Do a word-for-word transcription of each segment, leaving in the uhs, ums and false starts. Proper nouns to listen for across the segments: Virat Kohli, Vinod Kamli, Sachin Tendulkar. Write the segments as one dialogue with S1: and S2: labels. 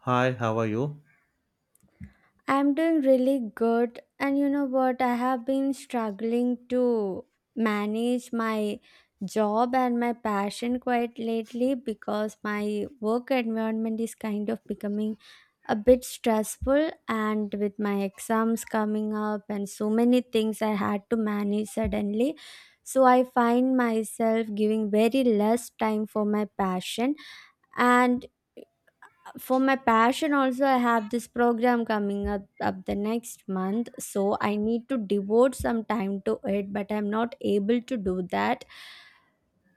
S1: Hi, how are you?
S2: I'm doing really good. And you know what? I have been struggling to manage my job and my passion quite lately because my work environment is kind of becoming a bit stressful. And with my exams coming up and so many things I had to manage suddenly. So I find myself giving very less time for my passion. And for my passion also I have this program coming up up the next month, so I need to devote some time to it, but I'm not able to do that.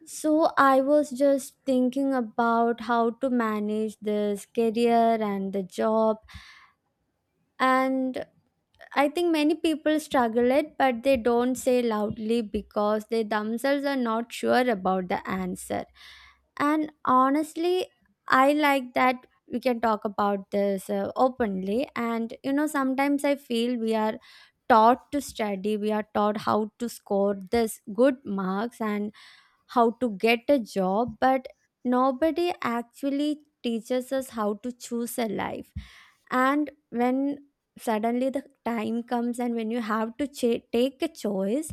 S2: So I was just thinking about how to manage this career and the job. And I think many people struggle it, but they don't say loudly because they themselves are not sure about the answer. And honestly, I like that we can talk about this uh, openly. And you know, sometimes I feel we are taught to study, we are taught how to score this good marks, and how to get a job, but nobody actually teaches us how to choose a life. And when suddenly the time comes and when you have to ch- take a choice,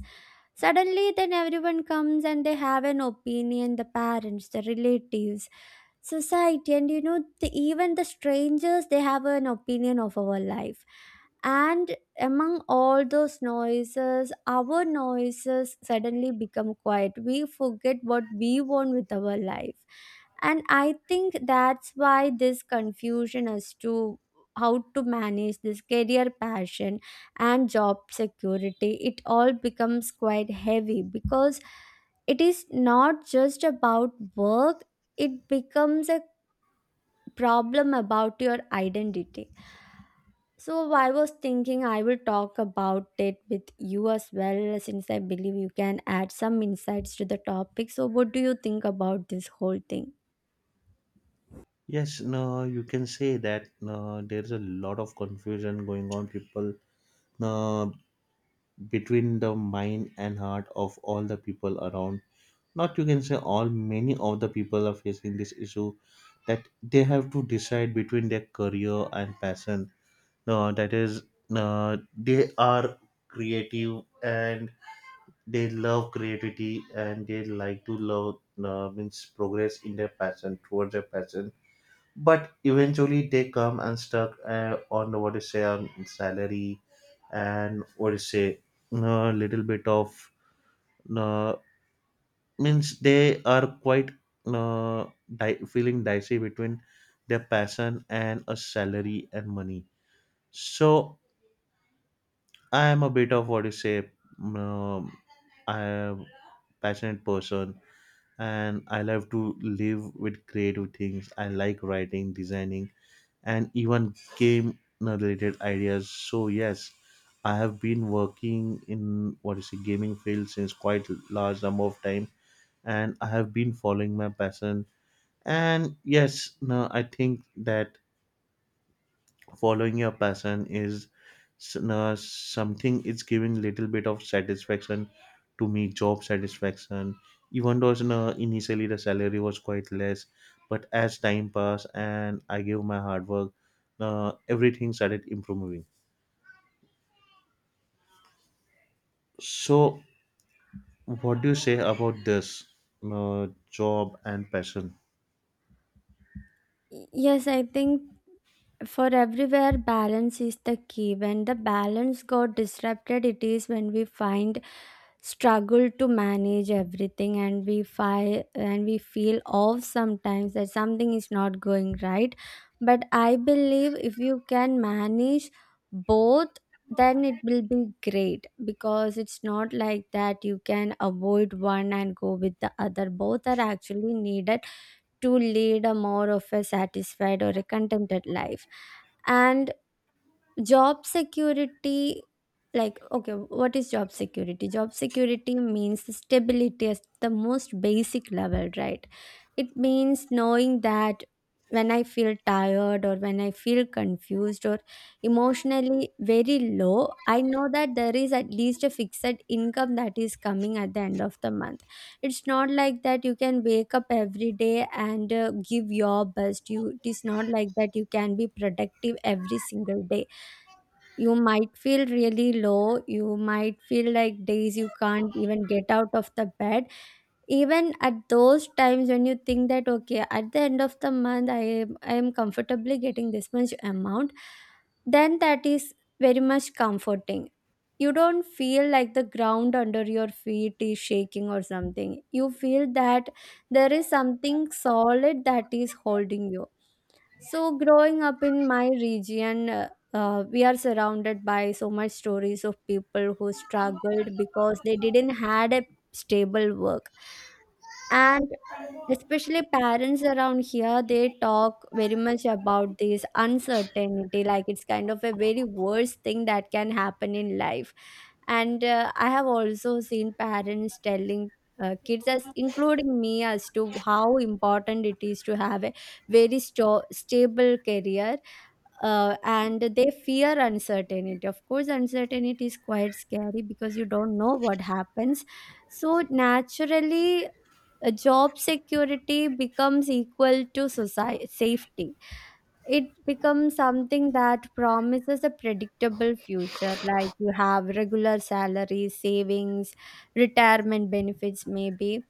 S2: suddenly then everyone comes and they have an opinion, the parents, the relatives, society, and you know the, even the strangers, they have an opinion of our life, and among all those noises our noises suddenly become quiet, we forget what we want with our life. And I think that's why this confusion as to how to manage this career, passion, and job security, it all becomes quite heavy because it is not just about work, it becomes a problem about your identity. So I was thinking I will talk about it with you as well, since I believe you can add some insights to the topic. So what do you think about this whole thing?
S1: Yes, no, you can say that no, there's a lot of confusion going on, people, no, between the mind and heart of all the people around. Not you can say all, many of the people are facing this issue that they have to decide between their career and passion. No, that is, no, they are creative and they love creativity and they like to love, no, means progress in their passion, towards their passion but eventually they come and stuck uh, on the, what do you say on salary and what do you say a little bit of uh, means they are quite uh, di- feeling dicey between their passion and a salary and money. So I am a bit of what you say. um, I am passionate person and I love to live with creative things. I like writing, designing, and even game related ideas. So yes, I have been working in what is a gaming field since quite large number of time, and I have been following my passion. And yes, no, I think that following your passion is s- uh, something it's giving little bit of satisfaction to me, job satisfaction, even though you initially the salary was quite less but as time passed and I gave my hard work, uh, everything started improving. So what do you say about this uh, job and passion?
S2: Yes, I think for everywhere balance is the key. When the balance got disrupted, it is when we find struggle to manage everything, and we fi- and we feel off sometimes, that something is not going right. But I believe if you can manage both, then it will be great, because it's not like that you can avoid one and go with the other. Both are actually needed to lead a more of a satisfied or a contented life. And job security, like, okay, what is job security? Job security means stability at the most basic level, right? It means knowing that when I feel tired or when I feel confused or emotionally very low, I know that there is at least a fixed income that is coming at the end of the month. It's not like that you can wake up every day and uh, give your best. You, it is not like that you can be productive every single day. You might feel really low. You might feel like days you can't even get out of the bed. Even at those times, when you think that okay, at the end of the month i am i am comfortably getting this much amount, then that is very much comforting. You don't feel like the ground under your feet is shaking or something. You feel that there is something solid that is holding you. So growing up in my region, uh, uh, we are surrounded by so much stories of people who struggled because they didn't had a stable work. And especially parents around here, they talk very much about this uncertainty, like it's kind of a very worst thing that can happen in life. And uh, I have also seen parents telling uh, kids, as including me, as to how important it is to have a very sto- stable career. Uh, and they fear uncertainty. Of course, uncertainty is quite scary because you don't know what happens. So naturally, uh, job security becomes equal to society safety. It becomes something that promises a predictable future, like you have regular salaries, savings, retirement benefits maybe.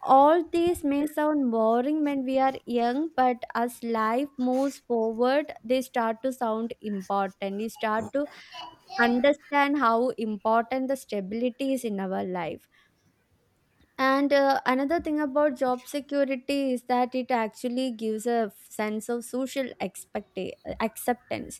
S2: All these may sound boring when we are young, but as life moves forward they start to sound important. You start to understand how important the stability is in our life. And uh, another thing about job security is that it actually gives a sense of social expect- acceptance.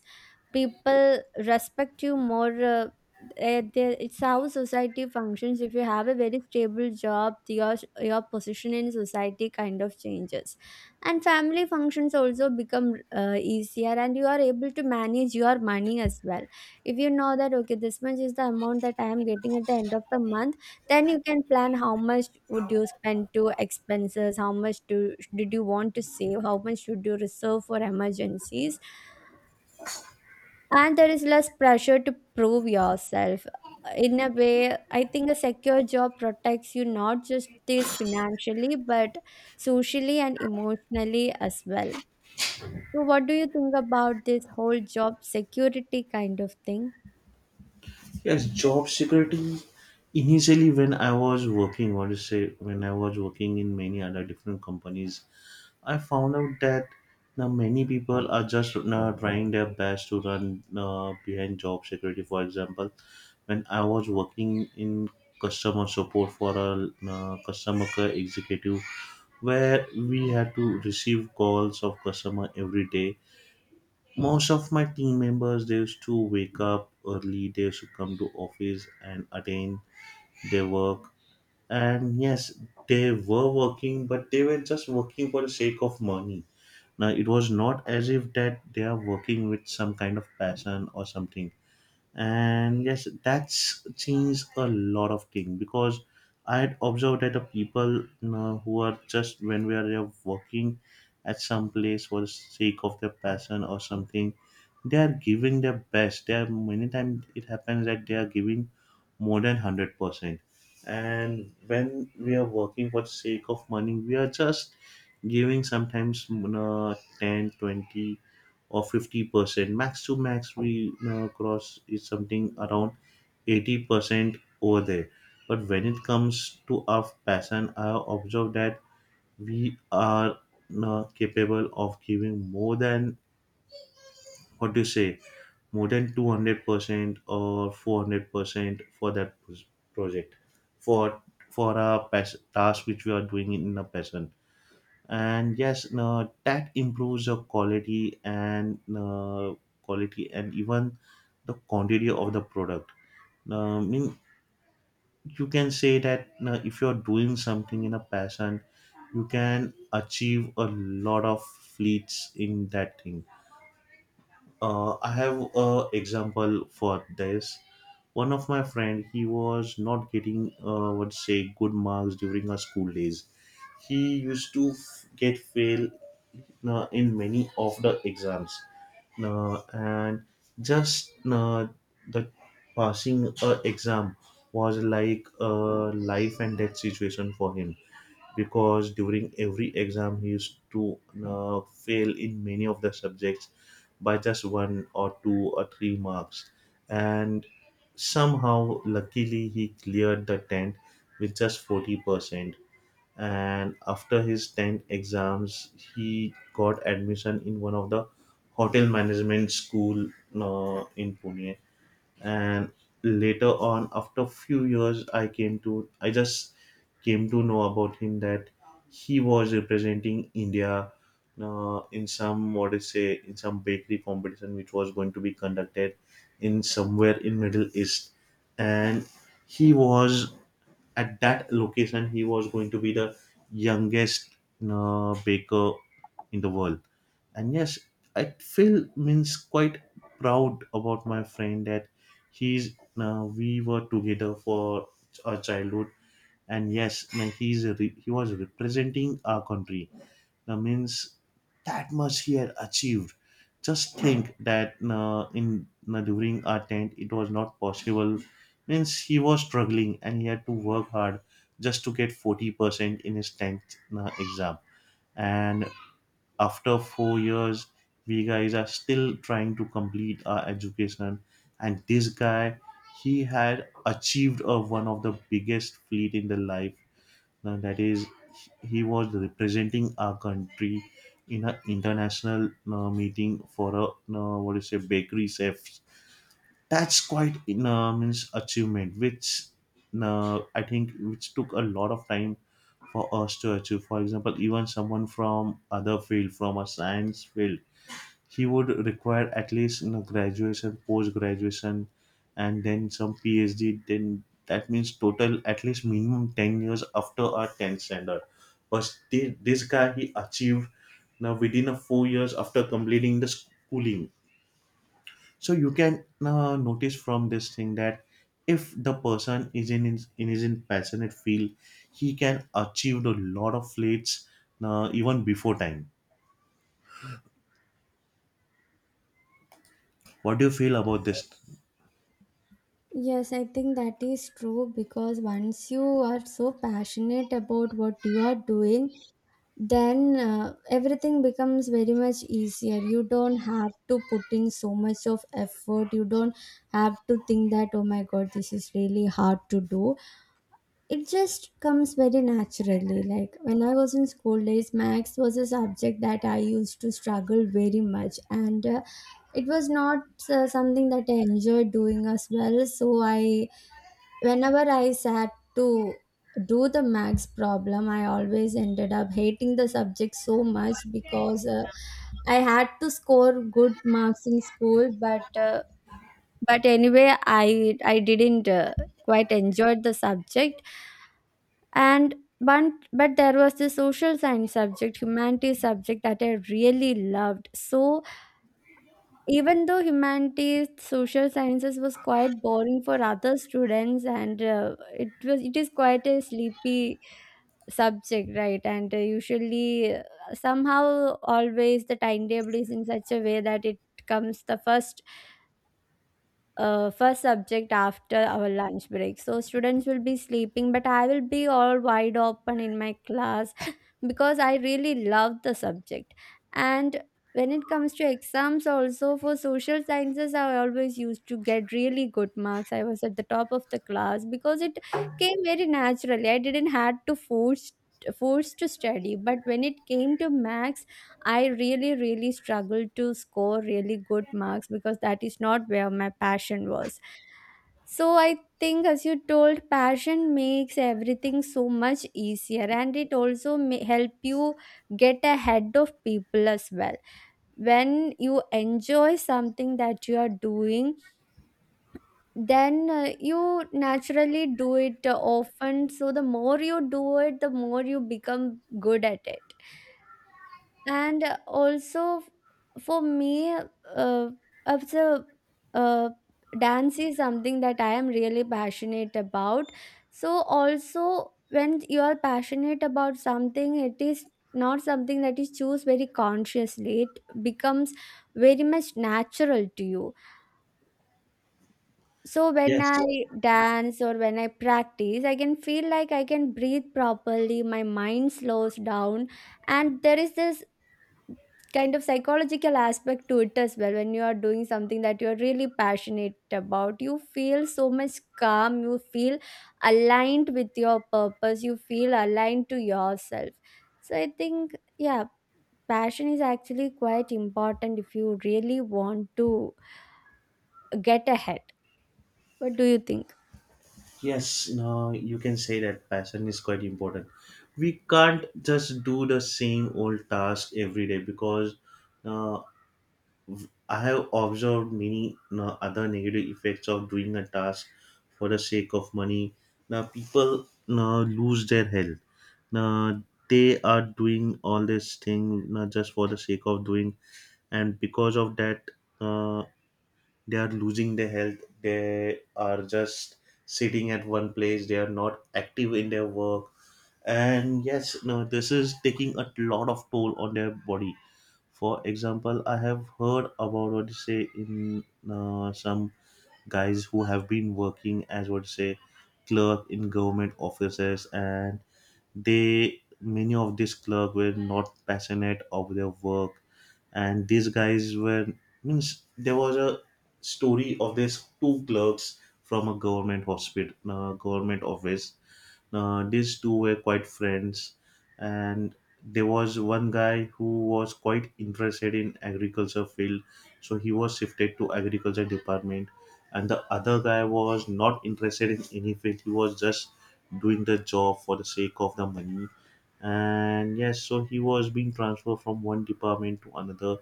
S2: People respect you more. Uh, eh, they- it's how society functions. If you have a very stable job, your your position in society kind of changes, and family functions also become uh, easier, and you are able to manage your money as well. If you know that okay, this much is the amount that I am getting at the end of the month, then you can plan how much would you spend to expenses, how much do did you want to save, how much should you reserve for emergencies. And there is less pressure to prove yourself, in a way. I think a secure job protects you not just this financially but socially and emotionally as well. So what do you think about this whole job security kind of thing?
S1: Yes, job security. Initially, when I was working, what to say, when I was working in many other different companies, I found out that now many people are just now trying their best to run uh, behind job security. For example, when I was working in customer support for a uh, customer care executive, where we had to receive calls of customer every day. Most of my team members, they used to wake up early. They used to come to office and attend their work. And yes, they were working, but they were just working for the sake of money. Now, it was not as if that they are working with some kind of passion or something. And yes, that's changed a lot of thing because I had observed that the people, you know, who are just when we are there working at some place for the sake of their passion or something, they are giving their best. They are many times it happens that they are giving more than one hundred percent. And when we are working for the sake of money, we are just giving sometimes, you know, ten twenty or fifty percent max to max we, you know, cross is something around eighty percent over there. But when it comes to our passion, I observe that we are, you know, capable of giving more than what do you say more than two hundred percent or four hundred percent for that pos- project, for for a pas- task which we are doing in a passion. And yes, no, that improves the quality and uh, quality and even the quantity of the product. uh, I mean, you can say that uh, if you're doing something in a passion, you can achieve a lot of fleets in that thing. uh, I have a example for this. One of my friend, he was not getting uh, would say good marks during our school days. He used to f- get fail uh, in many of the exams. Uh, and just uh, The passing a exam was like a life and death situation for him because during every exam he used to uh, fail in many of the subjects by just one or two or three marks. And somehow luckily he cleared the tenth with just forty percent. And after his tenth exams he got admission in one of the hotel management school uh, in Pune. And later on after few years I came to I just came to know about him that he was representing India uh, in some what is say in some bakery competition which was going to be conducted in somewhere in Middle East. And he was at that location he was going to be the youngest uh, baker in the world. And yes, I feel means quite proud about my friend that he's uh, we were together for our childhood. And yes man, he's a re- he was representing our country. That means that much he had achieved. Just think that uh, in uh, during our tent it was not possible. Means he was struggling and he had to work hard just to get forty percent in his tenth na- exam. And after four years, we guys are still trying to complete our education. And this guy, he had achieved uh, one of the biggest feat in the life. Now that is, he was representing our country in an international uh, meeting for a uh, what do you say bakery chef. That's quite in uh, means achievement which uh, I think which took a lot of time for us to achieve. For example, even someone from other field, from a science field, he would require at least, you know, graduation, post graduation, and then some PhD. Then that means total at least minimum ten years after our tenth standard. But thi- this guy he achieved now within a four years after completing the schooling. So you can uh, notice from this thing that if the person is in his, in his in passionate field, he can achieve a lot of feats uh, even before time. What do you feel about this?
S2: Yes, I think that is true, because once you are so passionate about what you are doing, then uh, everything becomes very much easier. You don't have to put in so much of effort. You don't have to think that, oh my god, this is really hard to do. It just comes very naturally. Like when I was in school days, max was a subject that I used to struggle very much. And uh, it was not uh, something that I enjoyed doing as well. So I, whenever I sat to do the max problem, I always ended up hating the subject so much because uh, I had to score good marks in school, but uh, but anyway, I I didn't uh, quite enjoy the subject and. But, but there was the social science subject, humanities subject that I really loved. So even though humanities, social sciences was quite boring for other students, and uh, it was, it is quite a sleepy subject, right? And uh, usually, uh, somehow, always the timetable is in such a way that it comes the first uh, first subject after our lunch break. So students will be sleeping, but I will be all wide open in my class because I really love the subject. And when it comes to exams, also for social sciences, I always used to get really good marks. I was at the top of the class because it came very naturally. I didn't had to force force to study, but when it came to maths. I really, really struggled to score really good marks because that is not where my passion was. So I think, as you told, passion makes everything so much easier, and it also may help you get ahead of people as well. When you enjoy something that you are doing, then uh, you naturally do it uh, often. So the more you do it, the more you become good at it. And also for me, uh, also, uh, dance is something that I am really passionate about. So also, when you are passionate about something, it is not something that is choose very consciously, it becomes very much natural to you. So when I
S1: Yes.
S2: dance or when I practice, I can feel like I can breathe properly, my mind slows down, and there is this kind of psychological aspect to it as well. When you are doing something that you are really passionate about, you feel so much calm, you feel aligned with your purpose, you feel aligned to yourself. So I think, yeah, passion is actually quite important if you really want to get ahead. What do you think?
S1: Yes, no, you can say that passion is quite important. We can't just do the same old task every day because uh, I have observed many uh, other negative effects of doing a task for the sake of money. Now people uh, lose their health. Now they are doing all this thing not just for the sake of doing, and because of that, uh, they are losing their health. They are just sitting at one place. They are not active in their work, and yes, no, this is taking a lot of toll on their body. For example, I have heard about what you say in uh, some guys who have been working as what you say clerk in government offices, and they many of these clerk were not passionate of their work, and these guys were means there was a story of these two clerks from a government hospital, uh, government office. Uh, these two were quite friends, and there was one guy who was quite interested in agriculture field, so he was shifted to agriculture department, and the other guy was not interested in any field. He was just doing the job for the sake of the money. And yes, so he was being transferred from one department to another.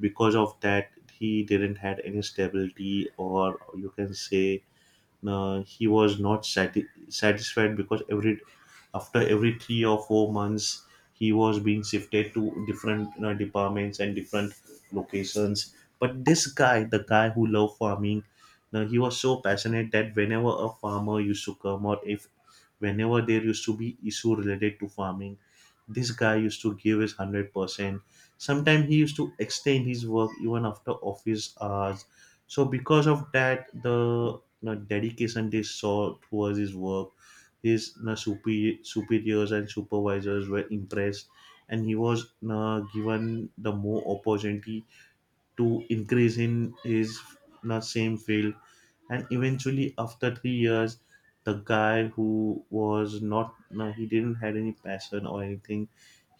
S1: Because of that he didn't had any stability or you can say uh, he was not sati- satisfied because every after every three or four months he was being shifted to different, you know, departments and different locations. But this guy, the guy who loved farming, now he was so passionate that whenever a farmer used to come or if whenever there used to be issue related to farming, this guy used to give his one hundred percent. Sometimes he used to extend his work even after office hours. So because of that the na dedication they saw towards his work. His na superi- superiors and supervisors were impressed, and he was na given the more opportunity to increase in his na same field. And eventually, after three years, the guy who was not na he didn't had any passion or anything.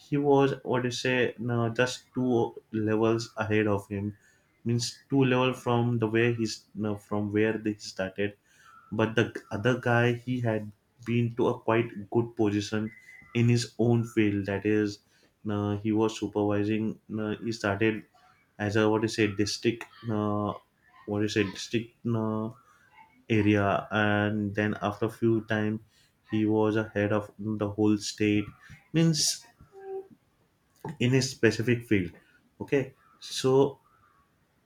S1: He was what do you say na just two levels ahead of him. Means two level from the way he's no, from where they started. But the other guy, he had been to a quite good position in his own field. That is, uh, he was supervising. Uh, he started as a what do you say district, uh, what do you say district uh, area, and then after a few time, he was a head of the whole state. Means in his specific field. Okay, so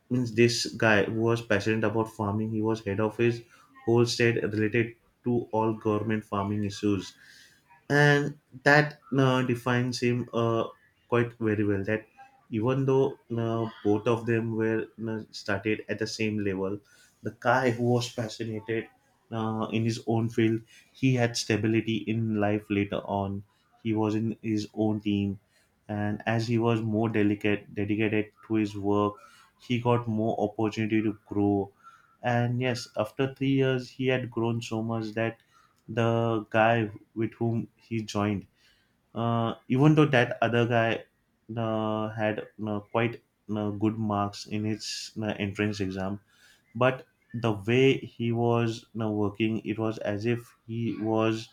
S1: means this guy who was passionate about farming, he was head of his whole state related to all government farming issues. And that uh, defines him uh, quite very well that even though uh, both of them were uh, started at the same level, the guy who was passionate uh, in his own field, he had stability in life later on. He was in his own team, and as he was more delicate dedicated to his work, he got more opportunity to grow. And yes, after three years he had grown so much that the guy with whom he joined. Uh, even though that other guy uh, had uh, quite uh, good marks in his uh, entrance exam, but the way he was uh, working, it was as if he was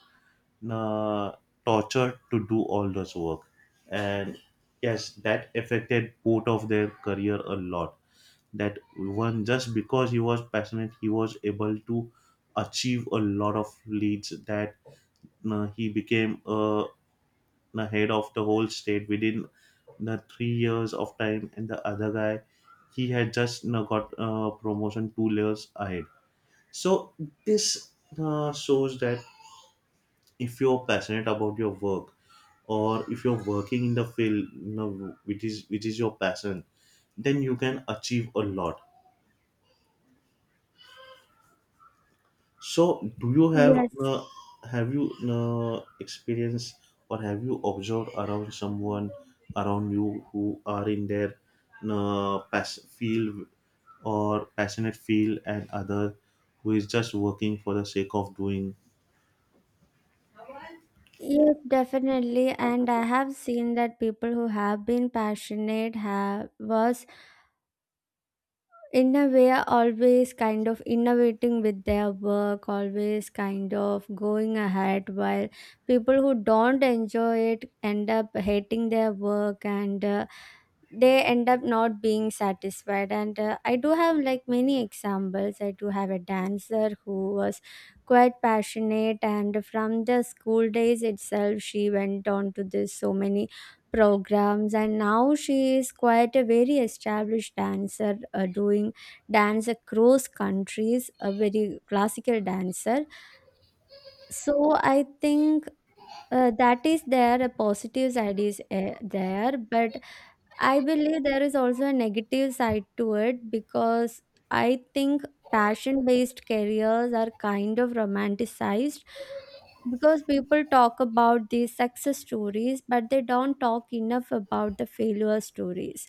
S1: uh, tortured to do all this work. And yes, that affected both of their career a lot. That one, just because he was passionate, he was able to achieve a lot of leads that uh, he became a ahead of the whole state within the three years of time. And the other guy, he had just you know, got uh, promotion two layers ahead. So this uh, shows that if you're passionate about your work, or if you're working in the field, you know, which is which is your passion, then you can achieve a lot. So, do you have
S2: Yes,
S1: uh, have you uh, experienced, or have you observed around someone around you who are in their uh, pass- field or passionate field, and other who is just working for the sake of doing?
S2: yes, definitely. And I have seen that people who have been passionate have was in a way always kind of innovating with their work, always kind of going ahead, while people who don't enjoy it end up hating their work, and uh, they end up not being satisfied. And uh, I do have like many examples. I do have a dancer who was quite passionate, and from the school days itself she went on to this so many programs, and now she is quite a very established dancer, uh, doing dance across countries, a very classical dancer. So I think uh, that is there, a positive side is uh, there, but I believe there is also a negative side to it because I think passion based careers are kind of romanticized, because people talk about these success stories, but they don't talk enough about the failure stories.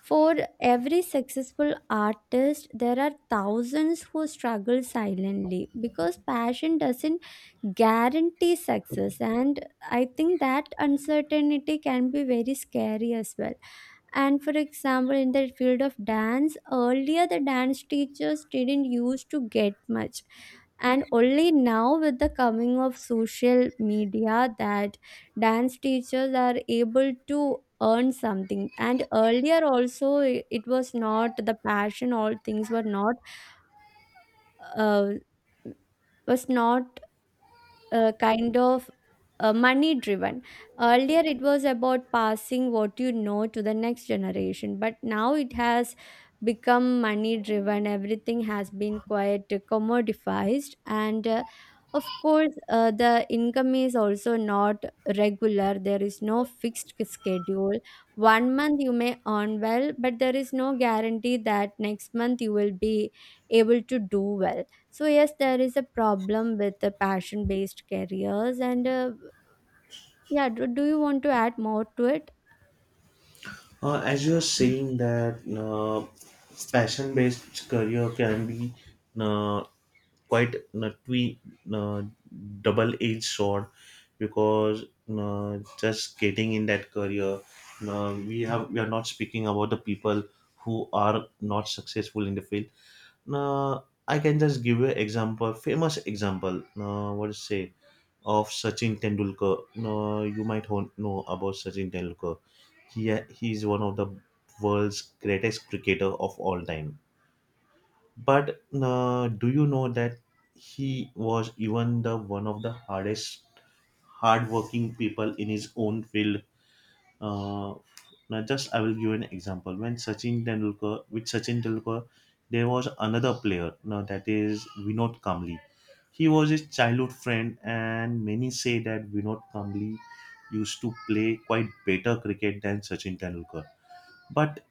S2: For every successful artist, there are thousands who struggle silently, because passion doesn't guarantee success. And I think that uncertainty can be very scary as well. And for example, in the field of dance, earlier the dance teachers didn't used to get much. And only now, with the coming of social media, that dance teachers are able to earn something. And earlier, also, i- it was not the passion, all things were not, uh, was not uh, kind of uh, money driven. Earlier, it was about passing what you know to the next generation, but now it has become money driven. Everything has been quite commodified, and uh, of course, uh, the income is also not regular. There is no fixed schedule. One month you may earn well, but there is no guarantee that next month you will be able to do well. So yes, there is a problem with the passion-based careers, and uh, yeah, do, do you want to add more to it?
S1: Uh, as you are saying that uh, passion-based career can be uh, quite a twi- uh, double-edged sword, because uh, just getting in that career, uh, we have we are not speaking about the people who are not successful in the field. Uh, I can just give you an example, famous example. Uh, what to say? Of Sachin Tendulkar, no, you might hon- know about Sachin Tendulkar. He he is one of the world's greatest cricketer of all time. But uh, do you know that he was even the one of the hardest, hardworking people in his own field? Uh, now, just I will give an example. When Sachin Tendulkar, with Sachin Tendulkar, there was another player. Now that is Vinod Kamli. He was his childhood friend, and many say that Vinod Kamli used to play quite better cricket than Sachin Tendulkar. But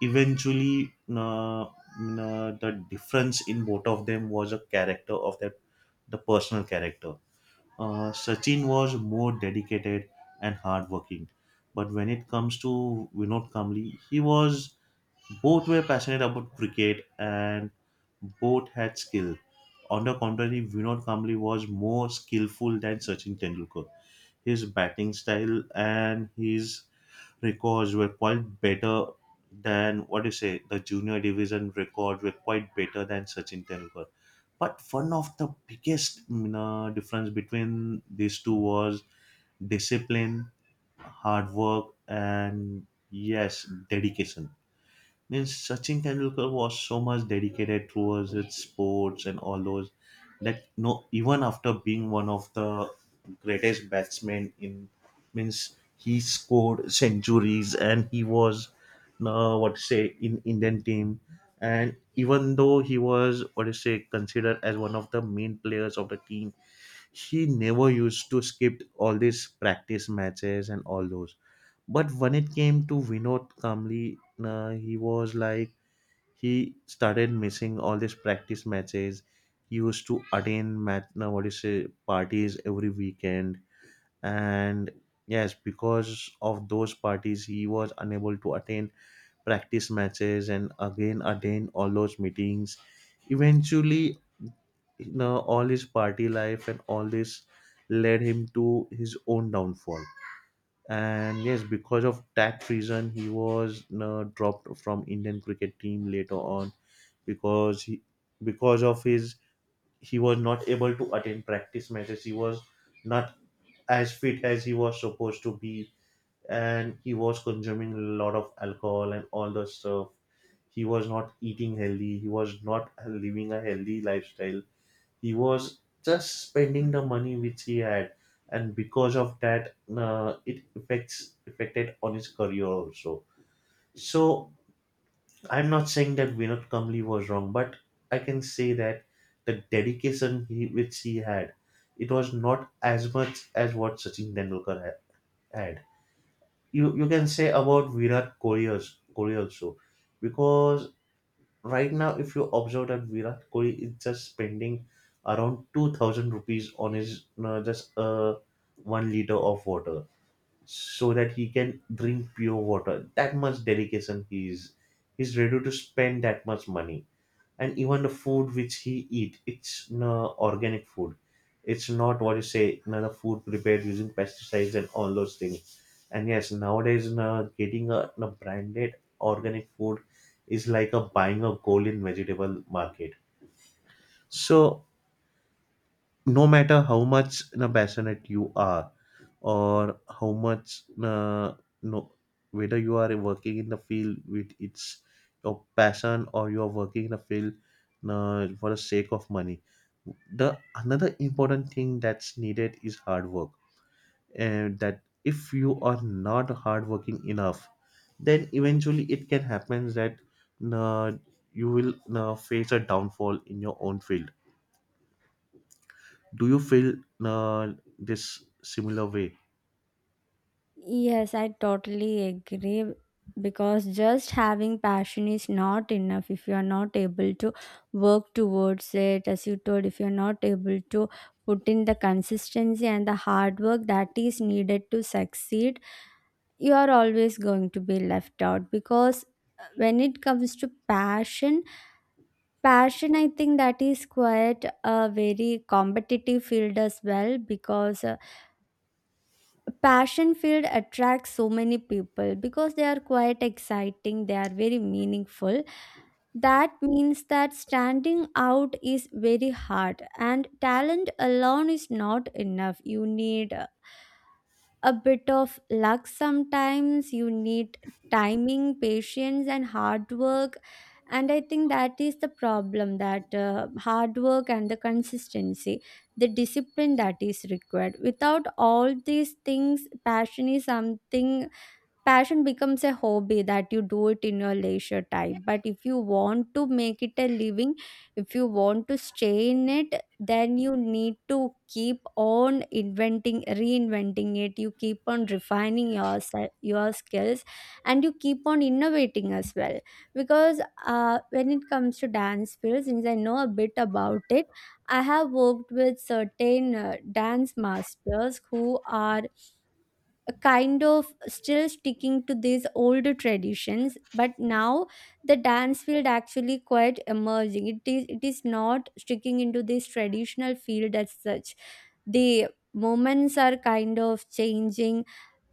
S1: eventually, uh, uh, the difference in both of them was a character of that, the personal character. Uh, sachin was more dedicated and hardworking. But when it comes to Vinod Kamli, he was, both were passionate about cricket, and both had skill. On the contrary, Vinod Kamli was more skillful than Sachin Tendulkar. His batting style and his records were quite better than, what do you say, the junior division records were quite better than Sachin Tendulkar. But one of the biggest, you know, difference between these two was discipline, hard work, and yes, dedication. Means Sachin Tendulkar was so much dedicated towards its sports and all those, that no, even after being one of the greatest batsmen in, means he scored centuries and he was, uh, what to say, in Indian team, and even though he was, what to say, considered as one of the main players of the team, she never used to skip all these practice matches and all those. But when it came to Vinod Kamli, uh, he was like, he started missing all these practice matches. He used to attend mat, no, what do you say, parties every weekend, and yes, because of those parties, he was unable to attend practice matches and again attend all those meetings. Eventually, you know, all his party life and all this led him to his own downfall. And yes, because of that reason, he was, you know, dropped from Indian cricket team later on, because he, because of his, he was not able to attend practice matches. He was not as fit as he was supposed to be, and he was consuming a lot of alcohol and all the stuff. He was not eating healthy. He was not living a healthy lifestyle. He was just spending the money which he had, and because of that, uh, it affects affected on his career also. So I'm not saying that Vinod Kamli was wrong, but I can say that the dedication he, which he had, it was not as much as what Sachin Tendulkar ha- had. You you can say about Virat Kohli als- Kohli also, because right now, if you observe that Virat Kohli is just spending around two thousand rupees on his uh, just uh, one liter of water, so that he can drink pure water. That much dedication he is, he's ready to spend that much money. And even the food which he eat, it's no, organic food. It's not, what you say, no, the food prepared using pesticides and all those things. And yes, nowadays, no, getting a no, branded organic food is like a buying a gold in vegetable market. So no matter how much, no, passionate you are, or how much uh, no, whether you are working in the field with it's your passion, or you are working in the field uh, for the sake of money, the another important thing that's needed is hard work. And that if you are not hardworking enough, then eventually it can happen that uh, you will uh, face a downfall in your own field. Do you feel uh, this similar way?
S2: Yes, I totally agree, because just having passion is not enough. If you are not able to work towards it, as you told, if you're not able to put in the consistency and the hard work that is needed to succeed, you are always going to be left out, because uh, when it comes to passion Passion, I think that is quite a very competitive field as well, because uh, passion field attracts so many people because they are quite exciting, they are very meaningful. That means that standing out is very hard and talent alone is not enough. You need uh, a bit of luck. Sometimes you need timing, patience and hard work. And I think that is the problem, that uh, hard work and the consistency, the discipline that is required. Without all these things, passion is something, passion becomes a hobby that you do it in your leisure time. But if you want to make it a living, if you want to stay in it, then you need to keep on inventing reinventing it. You keep on refining your se- your skills, and you keep on innovating as well. Because uh, when it comes to dance field, since I know a bit about it, I have worked with certain uh, dance masters who are a kind of still sticking to these older traditions. But now the dance field actually quite emerging, it is it is not sticking into this traditional field as such. The moments are kind of changing.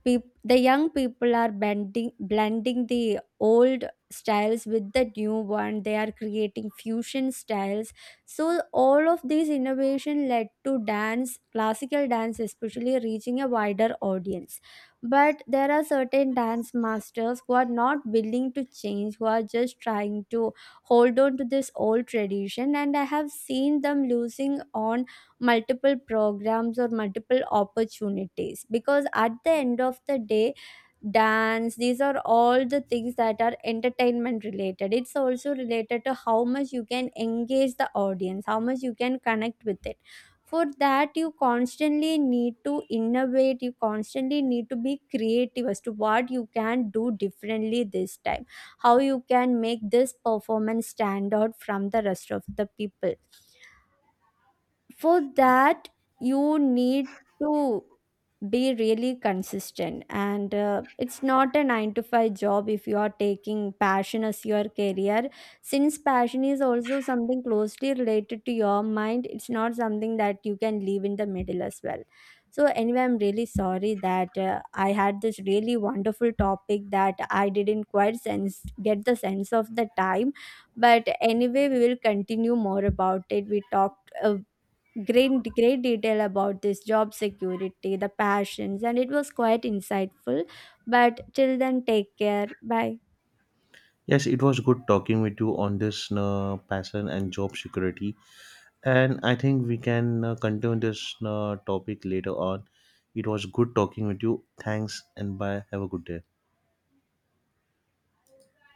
S2: Peop The young people are bending blending the old styles with the new one. They are creating fusion styles. So all of these innovation led to dance classical dance especially reaching a wider audience. But there are certain dance masters who are not willing to change, who are just trying to hold on to this old tradition, and I have seen them losing on multiple programs or multiple opportunities, because at the end of the day, dance, these are all the things that are entertainment related. It's also related to how much you can engage the audience, how much you can connect with it. For that, you constantly need to innovate, you constantly need to be creative as to what you can do differently this time, how you can make this performance stand out from the rest of the people. For that, you need to be really consistent, and uh, it's not a nine to five job if you are taking passion as your career. Since passion is also something closely related to your mind, it's not something that you can leave in the middle as well. So anyway, I'm really sorry that uh, I had this really wonderful topic that I didn't quite sense get the sense of the time. But anyway, we will continue more about it. We talked a great great detail about this job security, the passions, and it was quite insightful. But till then, take care, bye.
S1: Yes, it was good talking with you on this uh, passion and job security. And I think we can uh, continue this uh, topic later on. It was good talking with you. Thanks and bye. Have a good day.